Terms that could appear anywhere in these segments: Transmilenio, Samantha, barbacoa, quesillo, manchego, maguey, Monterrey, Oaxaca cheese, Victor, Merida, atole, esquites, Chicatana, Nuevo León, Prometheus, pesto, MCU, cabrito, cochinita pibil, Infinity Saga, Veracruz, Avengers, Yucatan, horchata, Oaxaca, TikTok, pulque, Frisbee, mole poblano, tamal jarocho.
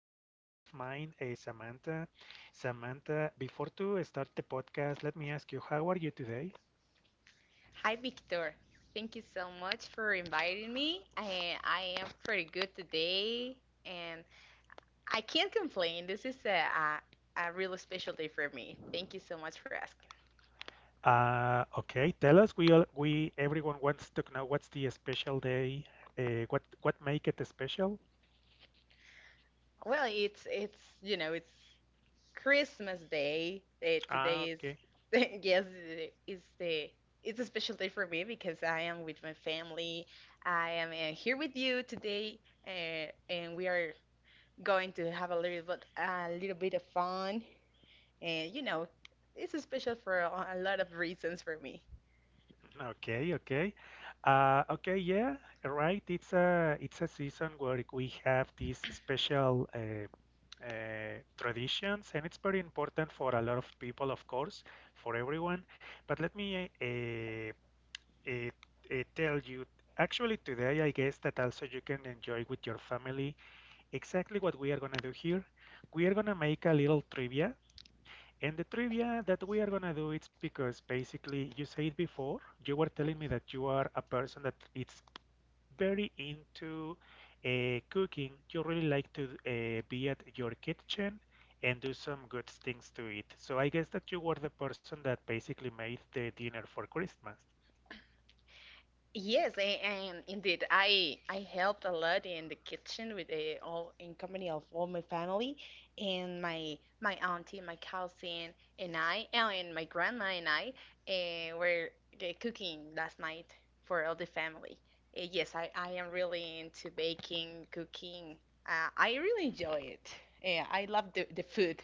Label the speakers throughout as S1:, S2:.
S1: friend of mine, Samantha. Samantha, before to start the podcast, let me ask you, how are you today?
S2: Hi, Victor. Thank you so much for inviting me. I am pretty good today, and I can't complain. This is a really special day for me. Thank you so much for asking.
S1: Okay, tell us. We all, we Everyone wants to know what's the special day. What make it special?
S2: Well, it's you know it's Christmas Day.
S1: Ah,
S2: Today is
S1: okay.
S2: yes, it is the it's a special day for me because I am with my family. I am here with you today, and we are going to have a little bit of fun. And it's special for a lot of reasons for me.
S1: Okay, okay. Okay, yeah, right. It's a season where we have these special traditions, and it's very important for a lot of people, of course, for everyone. But let me uh, tell you, actually, today I guess that also you can enjoy with your family exactly what we are gonna do here. We are gonna make a little trivia, and the trivia that we are gonna do, it's because basically you said before, you were telling me that you are a person that it's very into cooking. You really like to be at your kitchen and do some good things to eat. So I guess that you were the person that basically made the dinner for Christmas.
S2: Yes, and indeed, I helped a lot in the kitchen with all in company of all my family, and my auntie, my cousin, and I, and my grandma and I were cooking last night for all the family. Yes, I am really into baking, cooking. I really enjoy it. I love the food.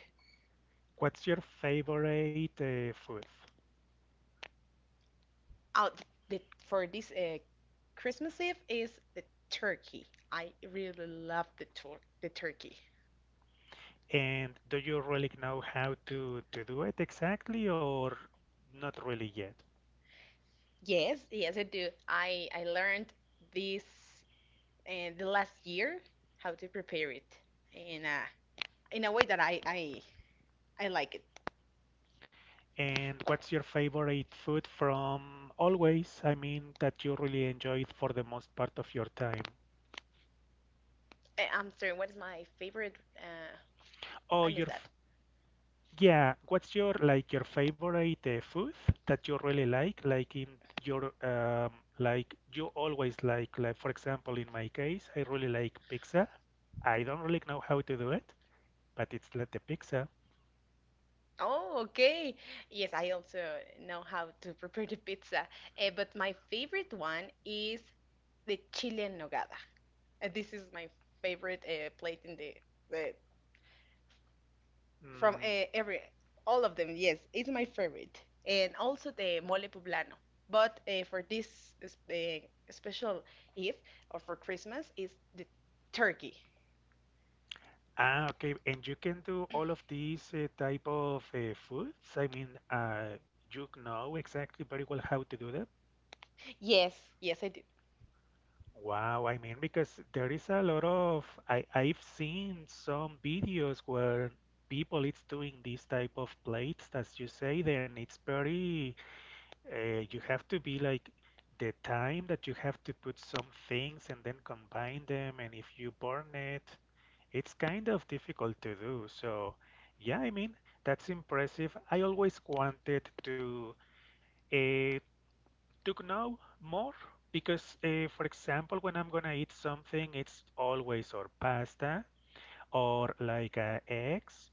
S1: What's your favorite food?
S2: out the, for this Christmas Eve is the turkey. I really love the turkey.
S1: And do you really know how to do it exactly or not really yet?
S2: Yes, yes, I do. I learned this the last year how to prepare it in a way that I like it.
S1: And what's your favorite food from always? I mean, that you really enjoyed for the most part of your time.
S2: I'm sorry, what is my favorite?
S1: Oh,
S2: I miss
S1: your
S2: that.
S1: f yeah. What's your favorite food that you really like? Like in your like you always like for example, in my case, I really like pizza. I don't really know how to do it, but it's like the pizza.
S2: Oh, okay. Yes, I also know how to prepare the pizza, but my favorite one is the chile en nogada. This is my favorite plate in the from
S1: Mm.
S2: every all of them. Yes, it's my favorite, and also the mole poblano. But for this special Eve or for Christmas is the turkey.
S1: Ah, okay. And you can do all of these type of foods? I mean, you know exactly very well how to do that.
S2: Yes, yes, I do.
S1: Wow, I mean, because there is a lot of, I've seen some videos where people, it's doing these type of plates, as you say, then it's very you have to be like the time that you have to put some things and then combine them, and if you burn it. It's kind of difficult to do. So, yeah, I mean, that's impressive. I always wanted uh, to know more because, for example, when I'm gonna eat something, it's always or pasta or like eggs.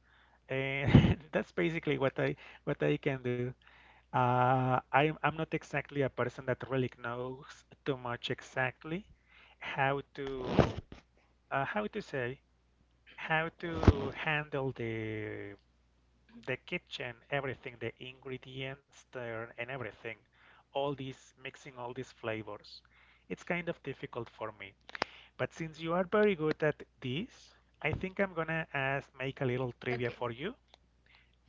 S1: And that's basically what I can do. I'm not exactly a person that really knows too much exactly how to how to say, how to handle the kitchen, everything, the ingredients there and everything. All these, mixing all these flavors. It's kind of difficult for me. But since you are very good at this, I think I'm gonna ask, make a little trivia
S2: Okay.
S1: for you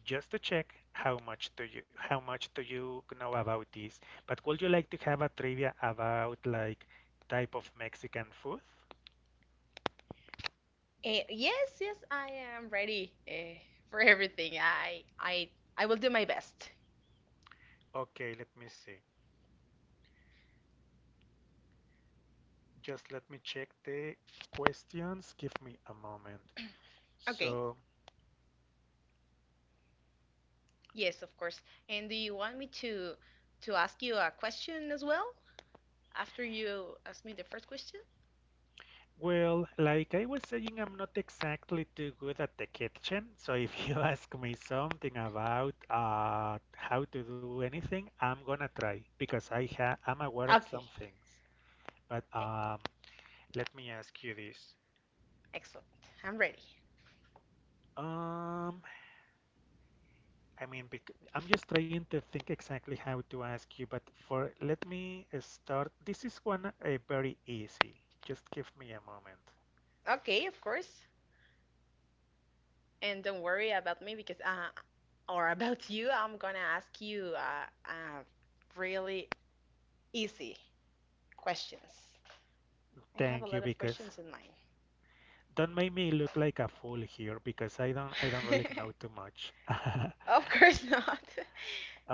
S1: just to check how much do you, know about this. But would you like to have a trivia about like type of Mexican food?
S2: Yes, yes, I am ready for everything. I will do my best.
S1: Okay, let me see. Just let me check the questions. Give me a moment.
S2: Okay.
S1: So,
S2: Yes, of course. And do you want me to ask you a question as well? After you ask me the first question?
S1: well, like I was saying, I'm not exactly too good at the kitchen. So if you ask me something about how to do anything, I'm gonna try because I'm aware of
S2: Okay.
S1: some things. But
S2: E-
S1: let me ask you this.
S2: Excellent. I'm ready.
S1: Um, I mean, bec I'm just trying to think exactly how to ask you, but for, let me start. This is one very easy. Just give me a moment.
S2: Okay, of course. And don't worry about me because, or about you, I'm gonna ask you uh, really easy questions. I have a
S1: Thank
S2: lot
S1: you,
S2: of
S1: because,
S2: questions in mind.
S1: don't make me look like a fool here, because I don't really know too much.
S2: Of course not.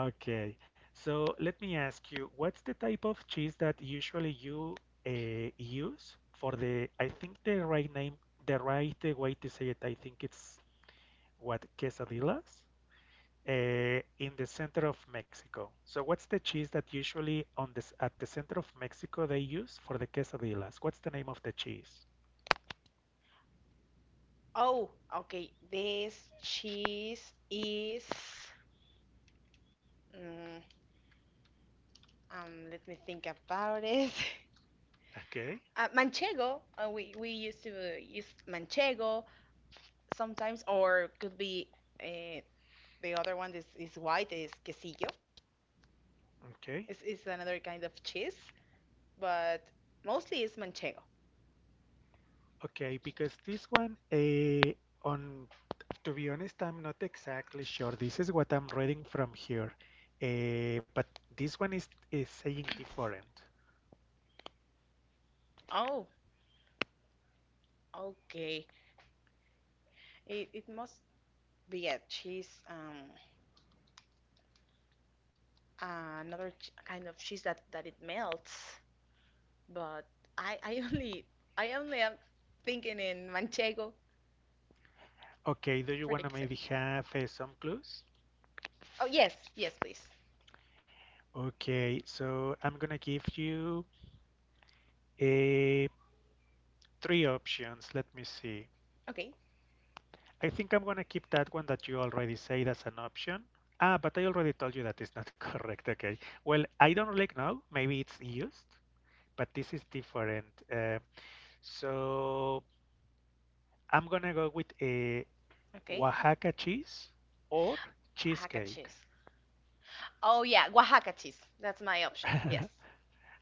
S1: Okay, so let me ask you, what's the type of cheese that usually you use for the? I think the right name, the right way to say it, I think it's what, quesadillas. In the center of Mexico. So what's the cheese that usually on this, at the center of Mexico, they use for the quesadillas? What's the name of the cheese?
S2: Oh, okay. This cheese is. Mm, Let me think about it.
S1: Okay,
S2: Manchego. We used to use manchego sometimes, or could be uh, the other one is white is quesillo.
S1: okay,
S2: It's another kind of cheese, but mostly it's manchego.
S1: okay, because this one, on, to be honest, I'm not exactly sure. This is what I'm reading from here, but this one is saying different.
S2: Oh, okay. It must be a cheese. Another ch kind of cheese that it melts. But I I only I only am thinking in manchego
S1: Okay, do you
S2: for the
S1: want to maybe
S2: quesadilla.
S1: have some clues?
S2: Oh yes, yes please.
S1: Okay, so I'm gonna give you eh, three options. Let me see.
S2: Okay,
S1: I think I'm gonna keep that one that you already said as an option. Ah, but I already told you that is not correct. Okay. Well, I don't like now. Maybe it's used, but this is different. So I'm gonna go with a
S2: okay.
S1: Oaxaca cheese or
S2: Oaxaca
S1: cheesecake.
S2: cheese. Oh yeah, Oaxaca cheese. That's my option. Yes.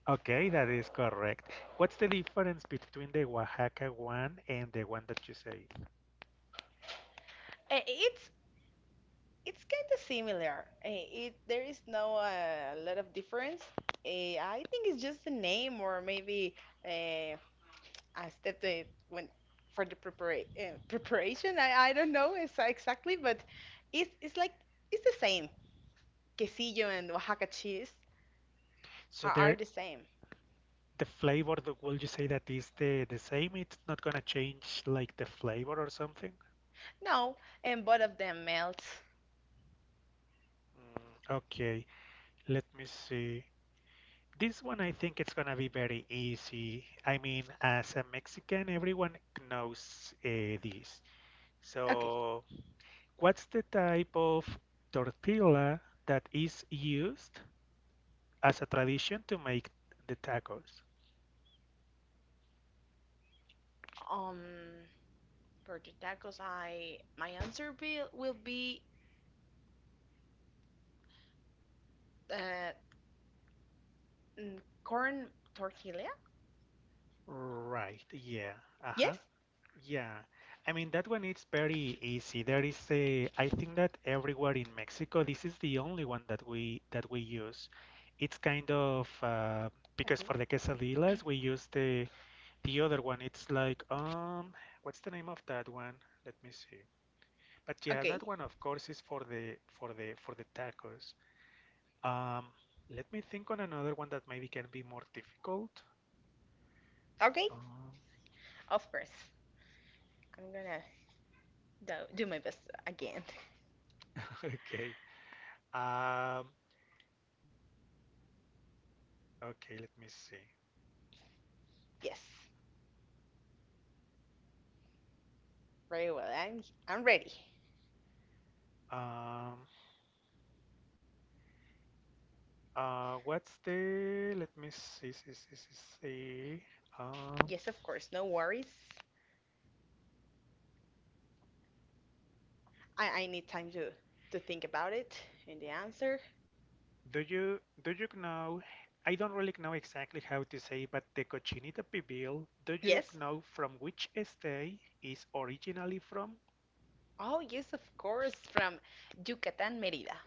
S1: Okay, that is correct. What's the difference between the Oaxaca one and the one that you said?
S2: Eh, it's it's kind of similar. Eh, It There is no lot of difference. I think it's just the name or maybe uh, a step that when for the preparation. I don't know exactly, but it's like it's the same. Quesillo and Oaxaca cheese
S1: So
S2: are
S1: there,
S2: the same.
S1: the flavor, will you say that is the same? It's not gonna change like the flavor or something?
S2: No, and both of them melt.
S1: Mm. Okay, let me see. This one I think it's gonna be very easy. I mean, as a Mexican, everyone knows this.
S2: Okay.
S1: So, what's the type of tortilla that is used as a tradition to make the tacos?
S2: Um. Burger tacos, I my will be uh, mm, corn tortilla.
S1: Right, yeah. Uh huh.
S2: Yes.
S1: Yeah, I mean that one, it's very easy. I think that everywhere in Mexico, this is the only one that we use. It's kind of because
S2: Okay.
S1: for the quesadillas we use the other one. It's like what's the name of that one? Let me see. But yeah, that
S2: Okay.
S1: one of course is for the tacos. Um, Let me think on another one that maybe can be more difficult.
S2: Okay.
S1: Um,
S2: Of course. I'm gonna do my best again.
S1: okay. Um, okay, let me see.
S2: Yes. Very well. I'm ready.
S1: Um, what's the? Let me see. Um,
S2: Yes, of course. No worries. I need time to think about it and the answer.
S1: do you know? I don't really know exactly how to say, but the cochinita pibil. Do you
S2: Yes.
S1: know from which state is originally from?
S2: Oh, yes, of course. From Yucatan, Merida.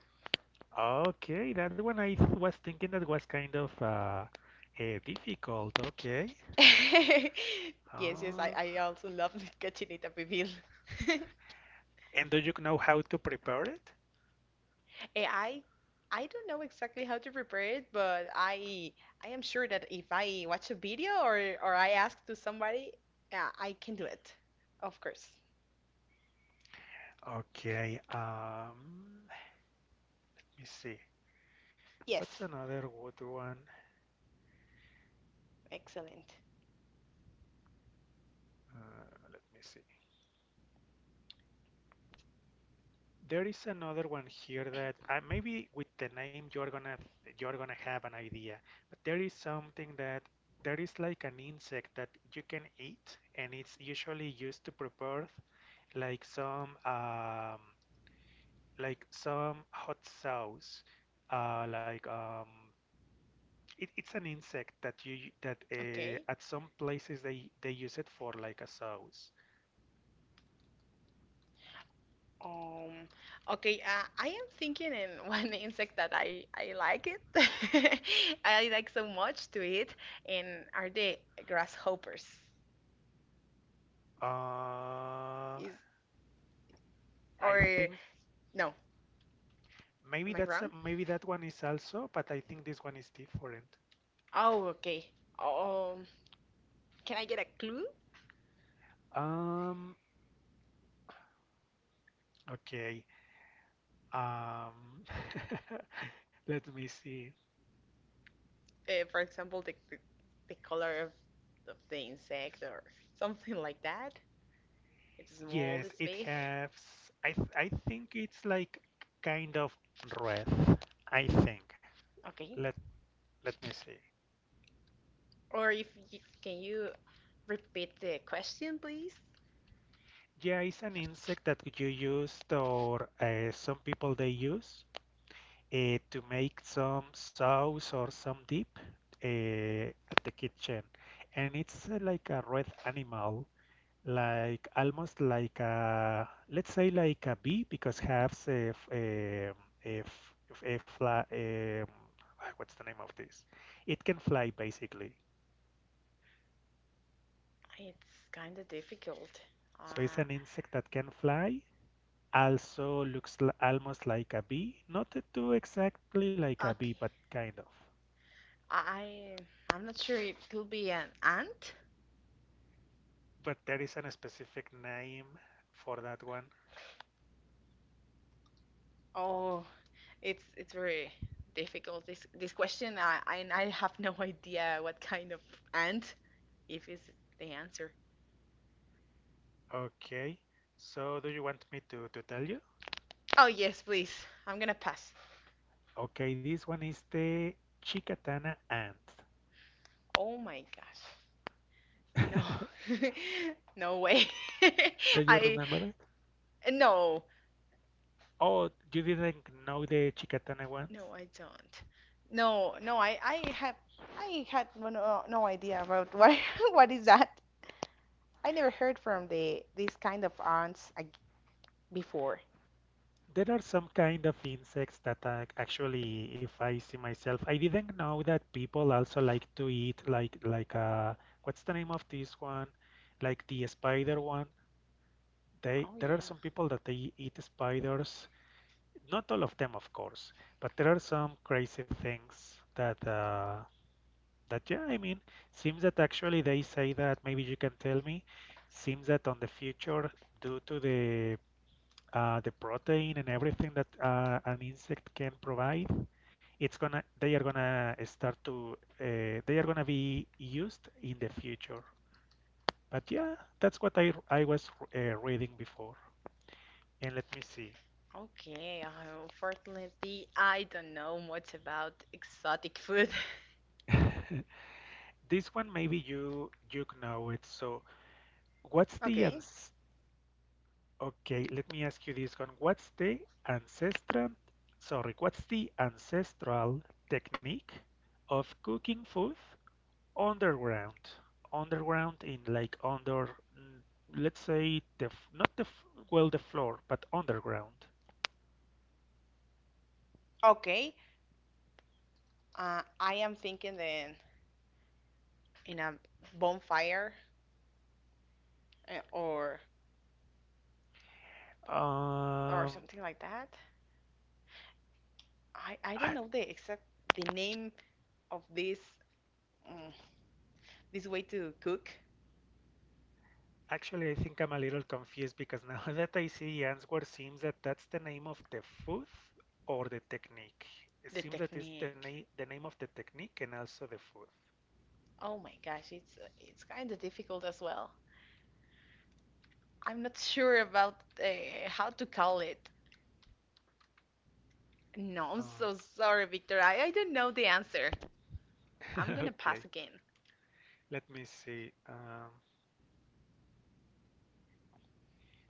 S1: Okay, that one was thinking that was kind of difficult. Okay.
S2: yes, yes. I,
S1: Uh,
S2: I also love the cochinita pibil.
S1: and do you know how to prepare it?
S2: Eh, I I don't know exactly how to prepare it, but I am sure that if I watch a video or I ask to somebody, yeah, I can do it. Of course.
S1: Okay. Let me see. What's
S2: Yes,
S1: another good one?
S2: excellent.
S1: Uh, Let me see. There is another one here that maybe with the name you're gonna have an idea. But there is like an insect that you can eat, and it's usually used to prepare like some um, like some hot sauce. Like it's an insect that you that
S2: Okay.
S1: at some places they use it for like a sauce.
S2: Um, okay, I am thinking in one insect that I like it. I like so much to eat, and are the grasshoppers?
S1: Uh,
S2: Is
S1: I
S2: or
S1: think,
S2: no?
S1: Maybe
S2: Am I
S1: that's a,
S2: wrong?
S1: maybe that one is also, but I think this one is different.
S2: Oh, okay. Um, can I get a clue?
S1: Um, okay. Um, let me see.
S2: For example, the color of the insect or something like that. It's small,
S1: Yes,
S2: it's
S1: it
S2: big.
S1: has. I think it's like kind of red. I think.
S2: Okay.
S1: Let Let me see.
S2: Or if you, Can you repeat the question, please?
S1: Yeah, it's an insect that you use or some people they use. To make some sauce or some dip uh, at the kitchen. And it's like a red animal, like almost like let's say like a bee because has a, a fly, what's the name of this? It can fly basically.
S2: It's kind of difficult.
S1: So it's
S2: Uh,
S1: an insect that can fly. Also looks almost like a bee, not too exactly like a
S2: okay.
S1: bee, but kind of.
S2: I I'm not sure it could be an ant.
S1: But there is a specific name for that one.
S2: Oh, it's very difficult this question. I have no idea what kind of ant if is the answer.
S1: Okay, so do you want me to tell you?
S2: Oh yes, please. I'm gonna pass.
S1: Okay, this one is the Chicatana ant.
S2: Oh my gosh. No. No way.
S1: Do you
S2: I
S1: remember it?
S2: no.
S1: Oh, you didn't know the Chicatana ones?
S2: No, I don't. No, no, I had no idea about what what is that. I never heard from the this kind of aunts before.
S1: There are some kind of insects that actually, if I see myself, I didn't know that people also like to eat like what's the name of this one? Like the spider one. They
S2: Oh
S1: There are
S2: yeah.
S1: some people that they eat spiders. Not all of them, of course, but there are some crazy things that yeah, I mean, seems that actually they say that maybe you can tell me. Seems that on the future, due to the protein and everything that an insect can provide, it's gonna they are gonna start to they are gonna be used in the future. But yeah, that's what I was reading before. And let me see.
S2: Okay. Unfortunately, I don't know much about exotic food.
S1: This one maybe you know it. So What's the
S2: Okay.
S1: ans Okay, let me ask you this one. Ancestral, what's the ancestral technique of cooking food underground? Underground in mm, let's say the, not the, well the floor, but underground.
S2: Okay. I am thinking then in a bonfire uh, or or
S1: Um,
S2: something like that. I don't
S1: I,
S2: know the name of this mm, this way to cook
S1: Actually, I think I'm a little confused because now that I see the answer, seems that that's the name of the food or the technique. It
S2: the
S1: seems that it's the
S2: technique.
S1: name the name of the technique and also the food.
S2: Oh my gosh, it's kind of difficult as well. I'm not sure about how to call it. No, I'm
S1: Uh,
S2: so sorry, Victor. I don't know the answer. I'm gonna
S1: okay,
S2: pass again.
S1: let me see.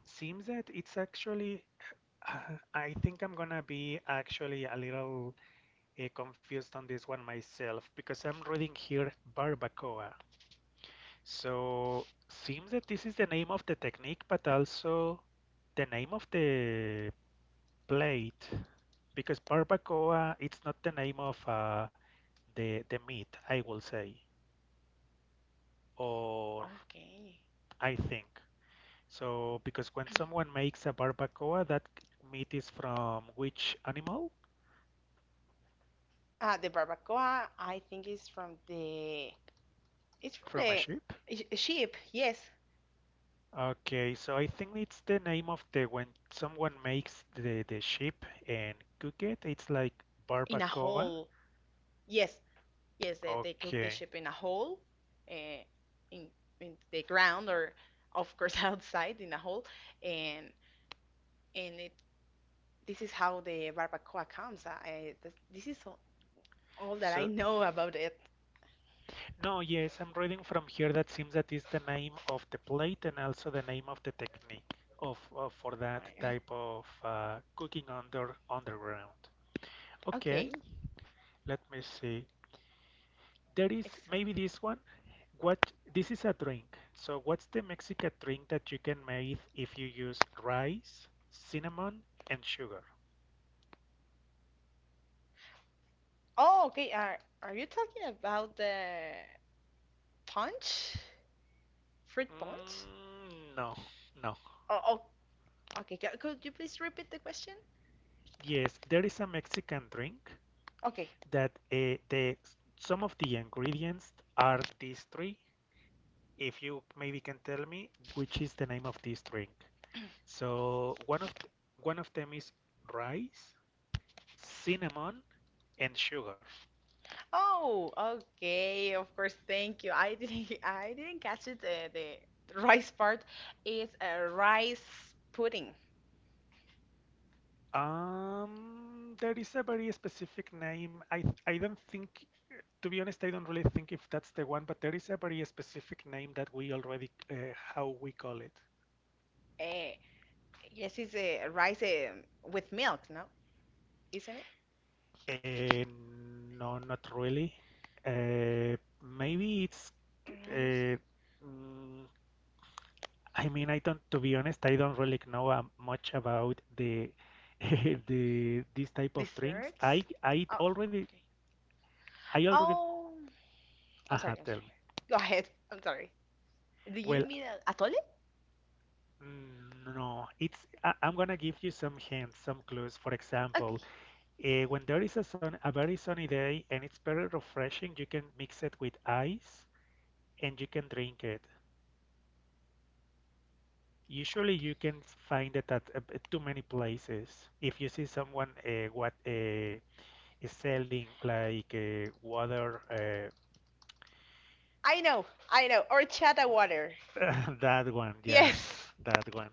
S1: Seems that it's actually. I think I'm gonna be actually a little confused on this one myself because I'm reading here barbacoa. So seems that this is the name of the technique, but also the name of the plate, because barbacoa it's not the name of the meat, I will say, or
S2: Okay.
S1: I think. So because when someone makes a barbacoa, that meat is from which animal?
S2: The barbacoa, I think is from the it's from
S1: From a
S2: the
S1: sheep?
S2: sheep. Yes,
S1: Okay, so I think it's the name of the when someone makes the sheep and cook it, it's like
S2: in a
S1: barbacoa.
S2: hole. Yes, yes, they cook the
S1: Okay.
S2: sheep in a hole, uh, in the ground, or of course outside in a hole. And and it, this is how the barbacoa comes. This is all that
S1: So,
S2: I know about it.
S1: no, yes, I'm reading from here that seems that is the name of the plate and also the name of the technique of for that
S2: I-
S1: type of cooking under underground. Okay,
S2: Okay,
S1: let me see. There is
S2: excellent.
S1: maybe this one. What this is a drink. So, what's the Mexican drink that you can make if you use rice, cinnamon, and sugar?
S2: Oh, okay. Are you talking about the punch, fruit punch?
S1: No, no.
S2: Oh, okay. Could you please repeat the question?
S1: Yes, there is a Mexican drink
S2: Okay.
S1: that the some of the ingredients are these three. If you maybe can tell me which is the name of this drink. So one of them is rice, cinnamon, and sugar.
S2: Oh, okay. Of course. Thank you. I didn't. I didn't catch it. The rice part is a rice pudding.
S1: There is a very specific name. I don't think, to be honest, I don't really think if that's the one, but there is a very specific name that we already how we call it.
S2: Uh, yes, it's a rice with milk. No, isn't it?
S1: Uh, no, not really. Uh, maybe it's
S2: Rice.
S1: Uh, mm, I mean, I don't. To be honest, I don't really know much about the the this type of drinks. I
S2: Desserts.
S1: I
S2: Oh,
S1: already
S2: okay.
S1: I already.
S2: Oh. I'm sorry.
S1: Aha,
S2: I'm
S1: tell me.
S2: sorry. Go ahead. I'm sorry. Do you
S1: Well,
S2: mean a atole?
S1: no. It's I, I'm gonna give you some hints, some clues. For example,
S2: Okay.
S1: when there is a sun, a very sunny day, and it's very refreshing, you can mix it with ice, and you can drink it. Usually,
S2: Okay.
S1: you can find it at too many places. If you see someone what selling like water.
S2: I know. I know. Or chata water.
S1: That one, yeah,
S2: Yes.
S1: that one.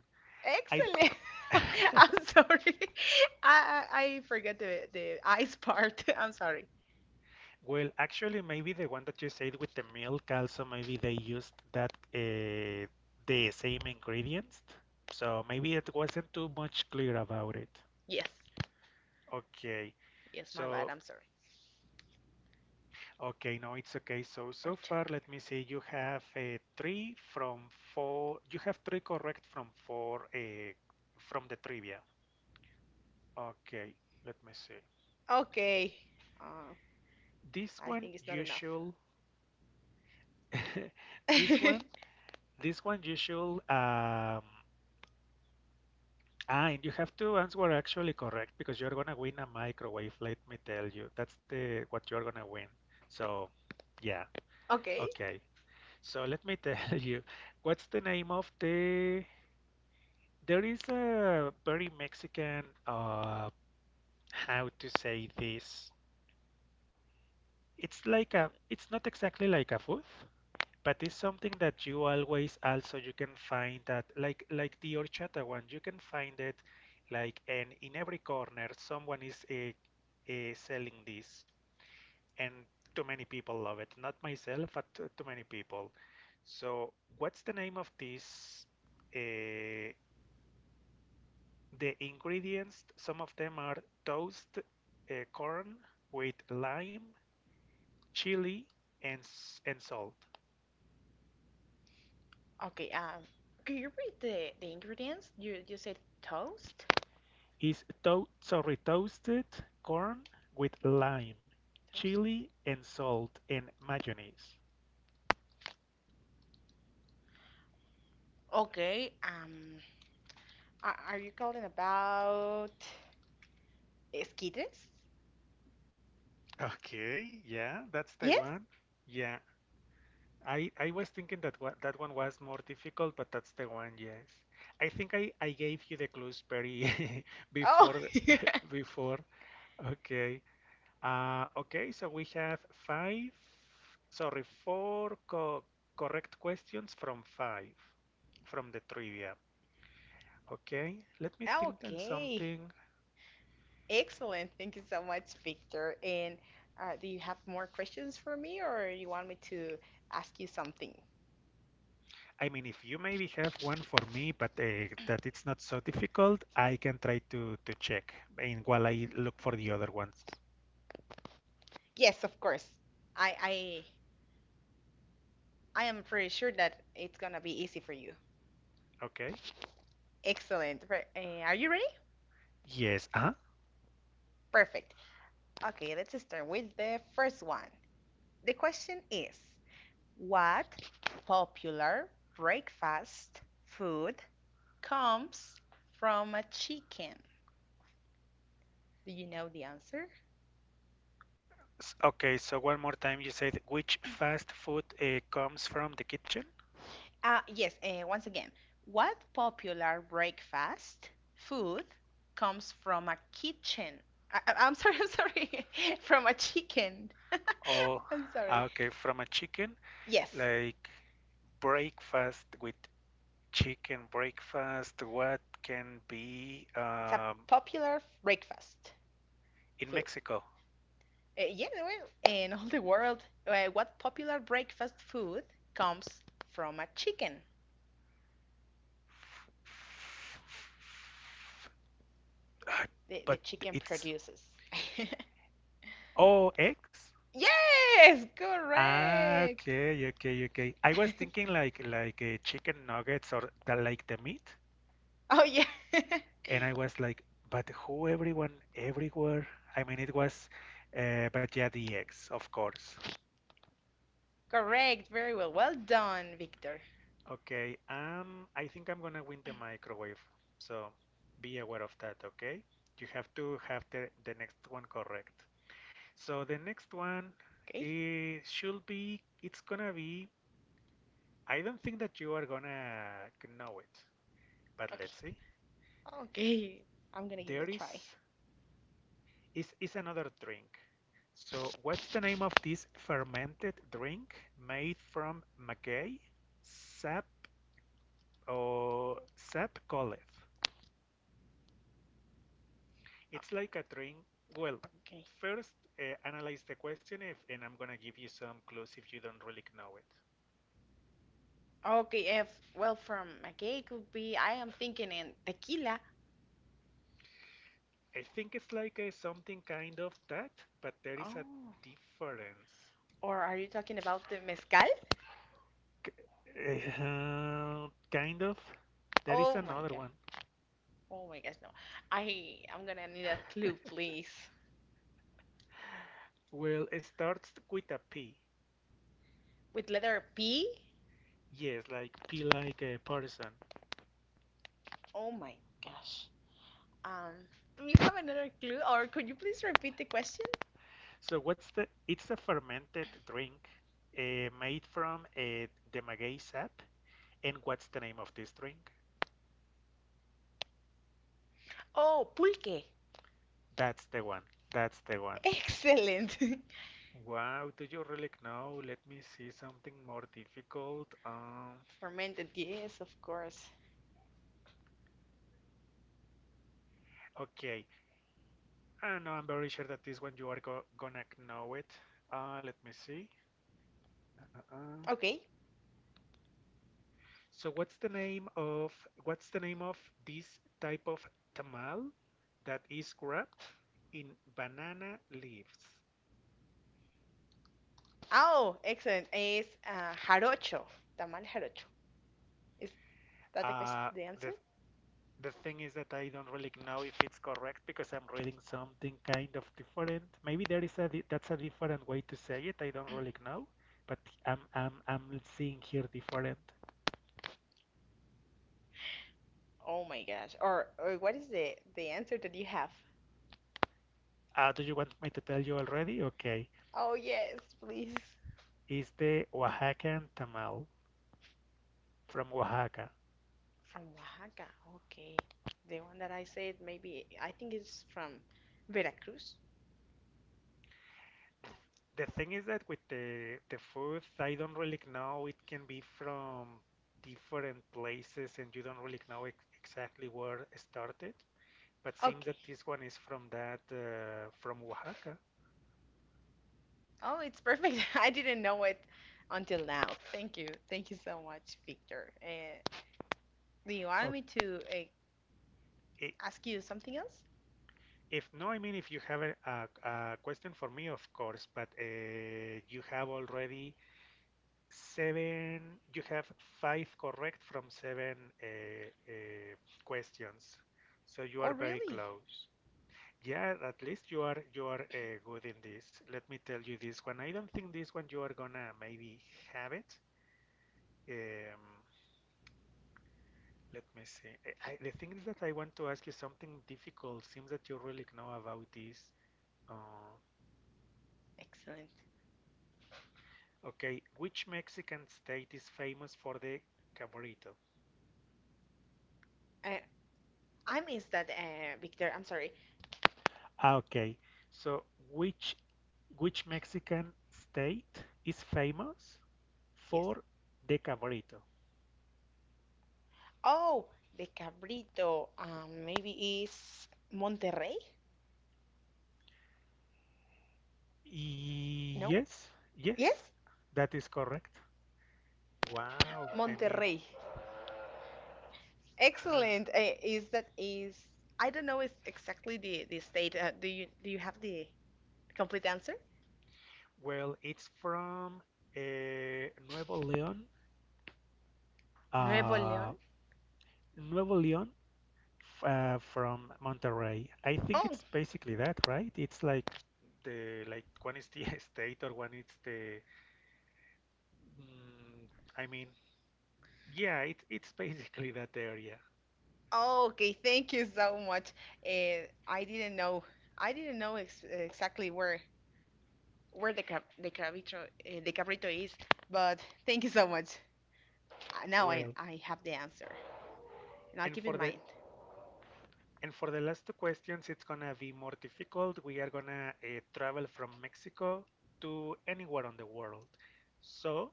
S1: I
S2: Excellent. I'm sorry. I, I I forgot the eyes part. I'm sorry.
S1: well, actually, maybe the one that you said with the milk also maybe they used that the same ingredients, so maybe it wasn't too much clear about it.
S2: Yes.
S1: Okay,
S2: Yes, my bad.
S1: so
S2: I'm sorry.
S1: okay, no, it's okay. So
S2: Or
S1: so
S2: shadow.
S1: far, let me see. You have a three from four. You have three correct from four from the trivia. Okay, let me see.
S2: Okay. Uh,
S1: This
S2: I
S1: one
S2: think it's not
S1: you
S2: enough.
S1: should this one this one you should ah and you have to answer actually correct because you're gonna win a microwave, let me tell you. That's the what you're gonna win. So yeah,
S2: Okay.
S1: okay. So let me tell you, what's the name of the there is a very Mexican how to say this. It's like
S2: Um,
S1: a it's not exactly like a food. But it's something that you always also you can find that like the horchata one, you can find it like and in every corner someone is selling this, and too many people love it. Not myself, but too, too many people. So what's the name of this? Uh, the ingredients, some of them are toast, corn with lime, chili, and salt.
S2: okay. Can you read the ingredients? You said toast?
S1: Is to- sorry, toasted corn with lime,
S2: Toast.
S1: chili, and salt and mayonnaise.
S2: Okay. Are you calling about esquites?
S1: Okay, yeah, that's the
S2: Yes.
S1: one. Yeah, I was thinking that wa that one was more difficult, but that's the one, yes. I think I gave you the clues very
S2: Oh.
S1: before the- before. Okay. Okay, so we have five, sorry, four co correct questions from five from the trivia. Okay, let me think then
S2: Okay.
S1: something.
S2: Excellent. Thank you so much, Victor. And do you have more questions for me, or you want me to ask you something?
S1: I mean, if you maybe have one for me, but that it's not so difficult, I can try to check and while I look for the other ones.
S2: Yes, of course. I I I am pretty sure that it's gonna be easy for you.
S1: Okay.
S2: Excellent. Are you ready?
S1: Yes. Uh-huh.
S2: Perfect. Okay, let's start with the first one. The question is, what popular breakfast food comes from a chicken? Do you know the answer?
S1: S- Okay, so one more time, you said which fast food comes from the kitchen?
S2: Yes, once again, what popular breakfast food comes from a kitchen? I'm sorry, I'm sorry, from a chicken.
S1: Or
S2: I'm
S1: ah,
S2: sorry.
S1: okay, from a chicken,
S2: Yes,
S1: like breakfast with chicken breakfast. What can be
S2: it's a popular breakfast
S1: in
S2: food.
S1: Mexico?
S2: Yeah, well, in all the world, what popular breakfast food comes from a chicken?
S1: Ah,
S2: The
S1: But
S2: chicken
S1: it's
S2: produces.
S1: OX?
S2: Yes,
S1: Ah,
S2: correct.
S1: okay, okay, okay. I was thinking like chicken nuggets or the, like the meat,
S2: Oh, yeah,
S1: and I was like, but who everyone everywhere? I mean, it was, but yeah, the eggs, of course.
S2: correct. Very well. Well done, Victor.
S1: Okay, I think I'm gonna win the microwave, so be aware of that, okay? You have to have the next one correct. So the next one
S2: Okay.
S1: is should be it's gonna be I don't think that you are gonna know it, but
S2: Okay.
S1: let's see.
S2: Okay. I'm gonna give it a
S1: There
S2: try.
S1: is another drink. So what's the name of this fermented drink made from maguey sap or sap golef?
S2: Uh,
S1: It's like a drink. Well,
S2: Okay.
S1: first analyze the question if, and I'm gonna give you some clues if you don't really know it.
S2: Okay. If well, from, okay, it could be. I am thinking in tequila.
S1: I think it's like a something kind of that, but there is a
S2: Oh,
S1: difference.
S2: or are you talking about the mezcal?
S1: Kind of. There is
S2: Oh my
S1: another
S2: god.
S1: one.
S2: Oh my gosh, no. I'm gonna need a clue, please.
S1: Well, it starts with a P.
S2: With letter P?
S1: Yes, like P like a person.
S2: Oh my gosh. Um, do you have another clue, or could you please repeat the question?
S1: So what's the? It's a fermented drink made from a demagogue sap. And what's the name of this drink?
S2: Oh, pulque.
S1: That's the one. That's the one.
S2: Excellent.
S1: Wow, do you really know? Let me see something more difficult.
S2: Fermented, yes, of course.
S1: Okay, I know. I'm very sure that this one you are go gonna know it. Let me see. Uh, uh. uh.
S2: Okay.
S1: So what's the name of what's the name of this type of tamal that is wrapped in banana leaves?
S2: Oh, excellent. It's jarocho. Tamal jarocho. Is that the question,
S1: Uh,
S2: the answer?
S1: the the thing is that I don't really know if it's correct because I'm reading something kind of different. Maybe there is a that's a different way to say it. I don't really know, but I'm seeing here different.
S2: Oh my gosh. Or what is the answer that you have?
S1: Do you want me to tell you already? Okay.
S2: Oh yes, please.
S1: is the Oaxacan tamal from Oaxaca.
S2: From Oaxaca. Okay. The one that I said maybe I think it's from Veracruz.
S1: The thing is that with the food, I don't really know. It can be from different places, and you don't really know ex exactly where it started. But seems
S2: Okay.
S1: that this one is from that from Oaxaca.
S2: Oh, it's perfect. I didn't know it until now. Thank you. Thank you so much, Victor. Do you want
S1: Oh,
S2: me to
S1: I-
S2: ask you something else?
S1: If no, I mean, if you have a question for me, of course, but you have already seven, you have five correct from seven uh, uh, questions. So you
S2: Oh,
S1: are very
S2: really?
S1: close. Yeah, at least you are good in this. Let me tell you this one. I don't think this one you are gonna maybe have it. Um, let me see. The thing is that I want to ask you something difficult. Seems that you really know about this. Uh,
S2: Excellent.
S1: okay, which Mexican state is famous for the cabrito?
S2: Uh, I missed that, Victor. I'm sorry.
S1: Ah, okay. So which which Mexican state is famous
S2: Yes.
S1: for the cabrito?
S2: Oh, the Cabrito. Maybe is Monterrey? No.
S1: Yes, yes,
S2: Yes,
S1: that is correct. Wow, I mean,
S2: Monterrey.
S1: ah,
S2: Excellent. Is that is I don't know is exactly the state. Do you have the complete answer?
S1: well, it's from uh, Nuevo León,
S2: Nuevo
S1: uh,
S2: León.
S1: Nuevo León f- from Monterrey. I think
S2: Oh,
S1: it's basically that, right? It's like the like one is the state or one is the. Mm, I mean, Yeah, it, it's basically that area.
S2: oh, okay. Thank you so much. I didn't know. I didn't know ex exactly where the cabrito is, but thank you so much. Now I,
S1: Well,
S2: I have the answer, and I'll
S1: and
S2: keep in
S1: for the
S2: mind.
S1: and for the last two questions, it's gonna be more difficult. We are gonna travel from Mexico to anywhere on the world. So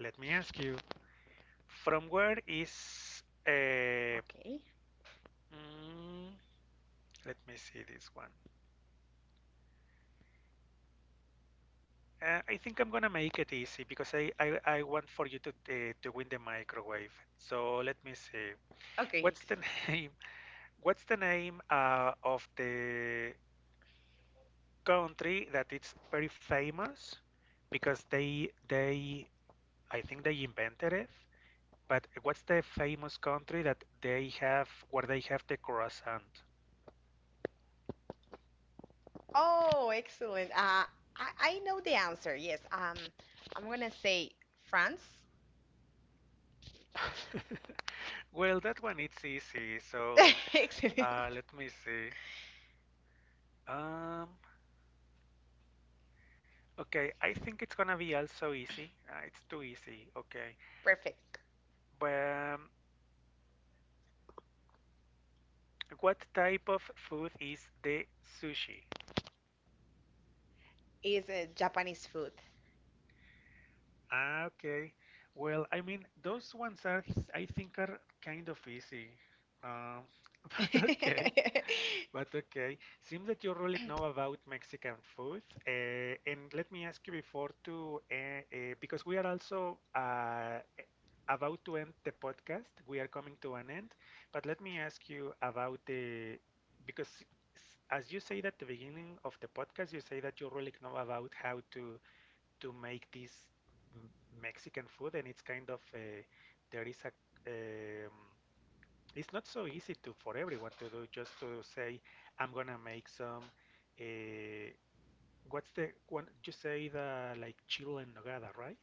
S1: let me ask you, from where is
S2: Okay.
S1: mm, let me see this one. I think I'm gonna make it easy because I want for you to win the microwave. So let me see.
S2: Okay,
S1: What's the
S2: excellent.
S1: name? What's the name of the country that it's very famous because they I think they invented it. But what's the famous country that they have where they have the croissant?
S2: Oh, excellent. I know the answer. Yes. I'm gonna say France.
S1: Well, that one it's easy. So
S2: Excellent.
S1: let me see. Um, okay, I think it's gonna be also easy. It's too easy. Okay,
S2: Perfect.
S1: but um, what type of food is the sushi?
S2: Is Japanese food.
S1: Ah, okay. Well, I mean, those ones are, I think, are kind of easy. Um, but okay, but okay. Seems that you really know about Mexican food. And let me ask you before to, because we are also about to end the podcast. We are coming to an end. But let me ask you about the, because s- as you said at the beginning of the podcast, you say that you really know about how to make this Mexican food, and it's kind of there is a um, it's not so easy to for everyone to do. Just to say, I'm gonna make some. Uh, what's the one you say the like chile en nogada, right?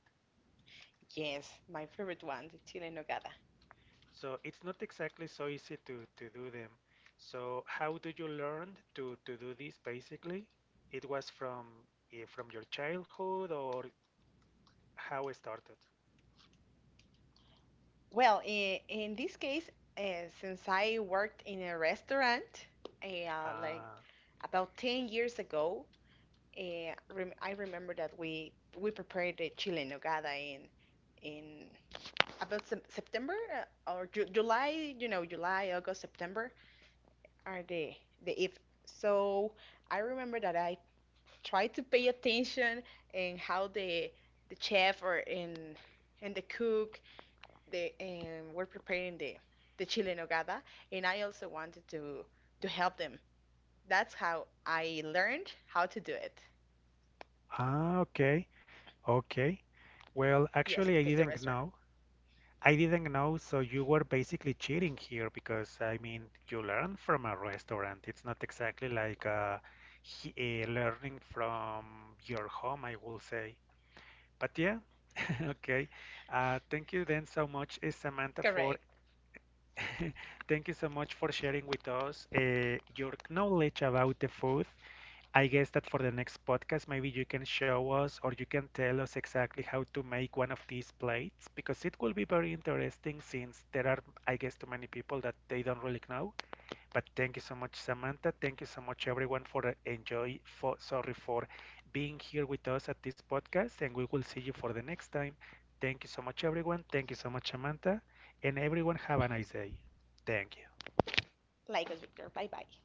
S2: Yes, my favorite one, the chile en nogada.
S1: So it's not exactly so easy to do them. So how do you learn to do this? Basically, it was from from your childhood or how it started.
S2: Well, in this case, uh, since I worked in a restaurant, like
S1: Ah,
S2: about 10 years ago. I remember that we prepared the chile en nogada in about September or July. July, August, September are the if. So I remember that I tried to pay attention and how the chef or in and the cook they were preparing the chile en nogada, and I also wanted to help them. That's how I learned how to do it.
S1: ah, okay. Okay. Well,
S2: Yes,
S1: actually, I
S2: because the
S1: didn't
S2: restaurant.
S1: know. I didn't know, so you were basically cheating here because, I mean, you learn from a restaurant. It's not exactly like he, learning from your home, I will say. But yeah, okay. Thank you then so much, Samantha, for
S2: Correct.
S1: thank you so much for sharing with us your knowledge about the food. I guess that for the next podcast, maybe you can show us or you can tell us exactly how to make one of these plates because it will be very interesting since there are, I guess, too many people that they don't really know. But thank you so much, Samantha. Thank you so much, everyone, for enjoy for sorry for being here with us at this podcast, and we will see you for the next time. Thank you so much, everyone. Thank you so much, Samantha, and everyone have a nice day. Thank you.
S2: Like us, Victor. Bye bye.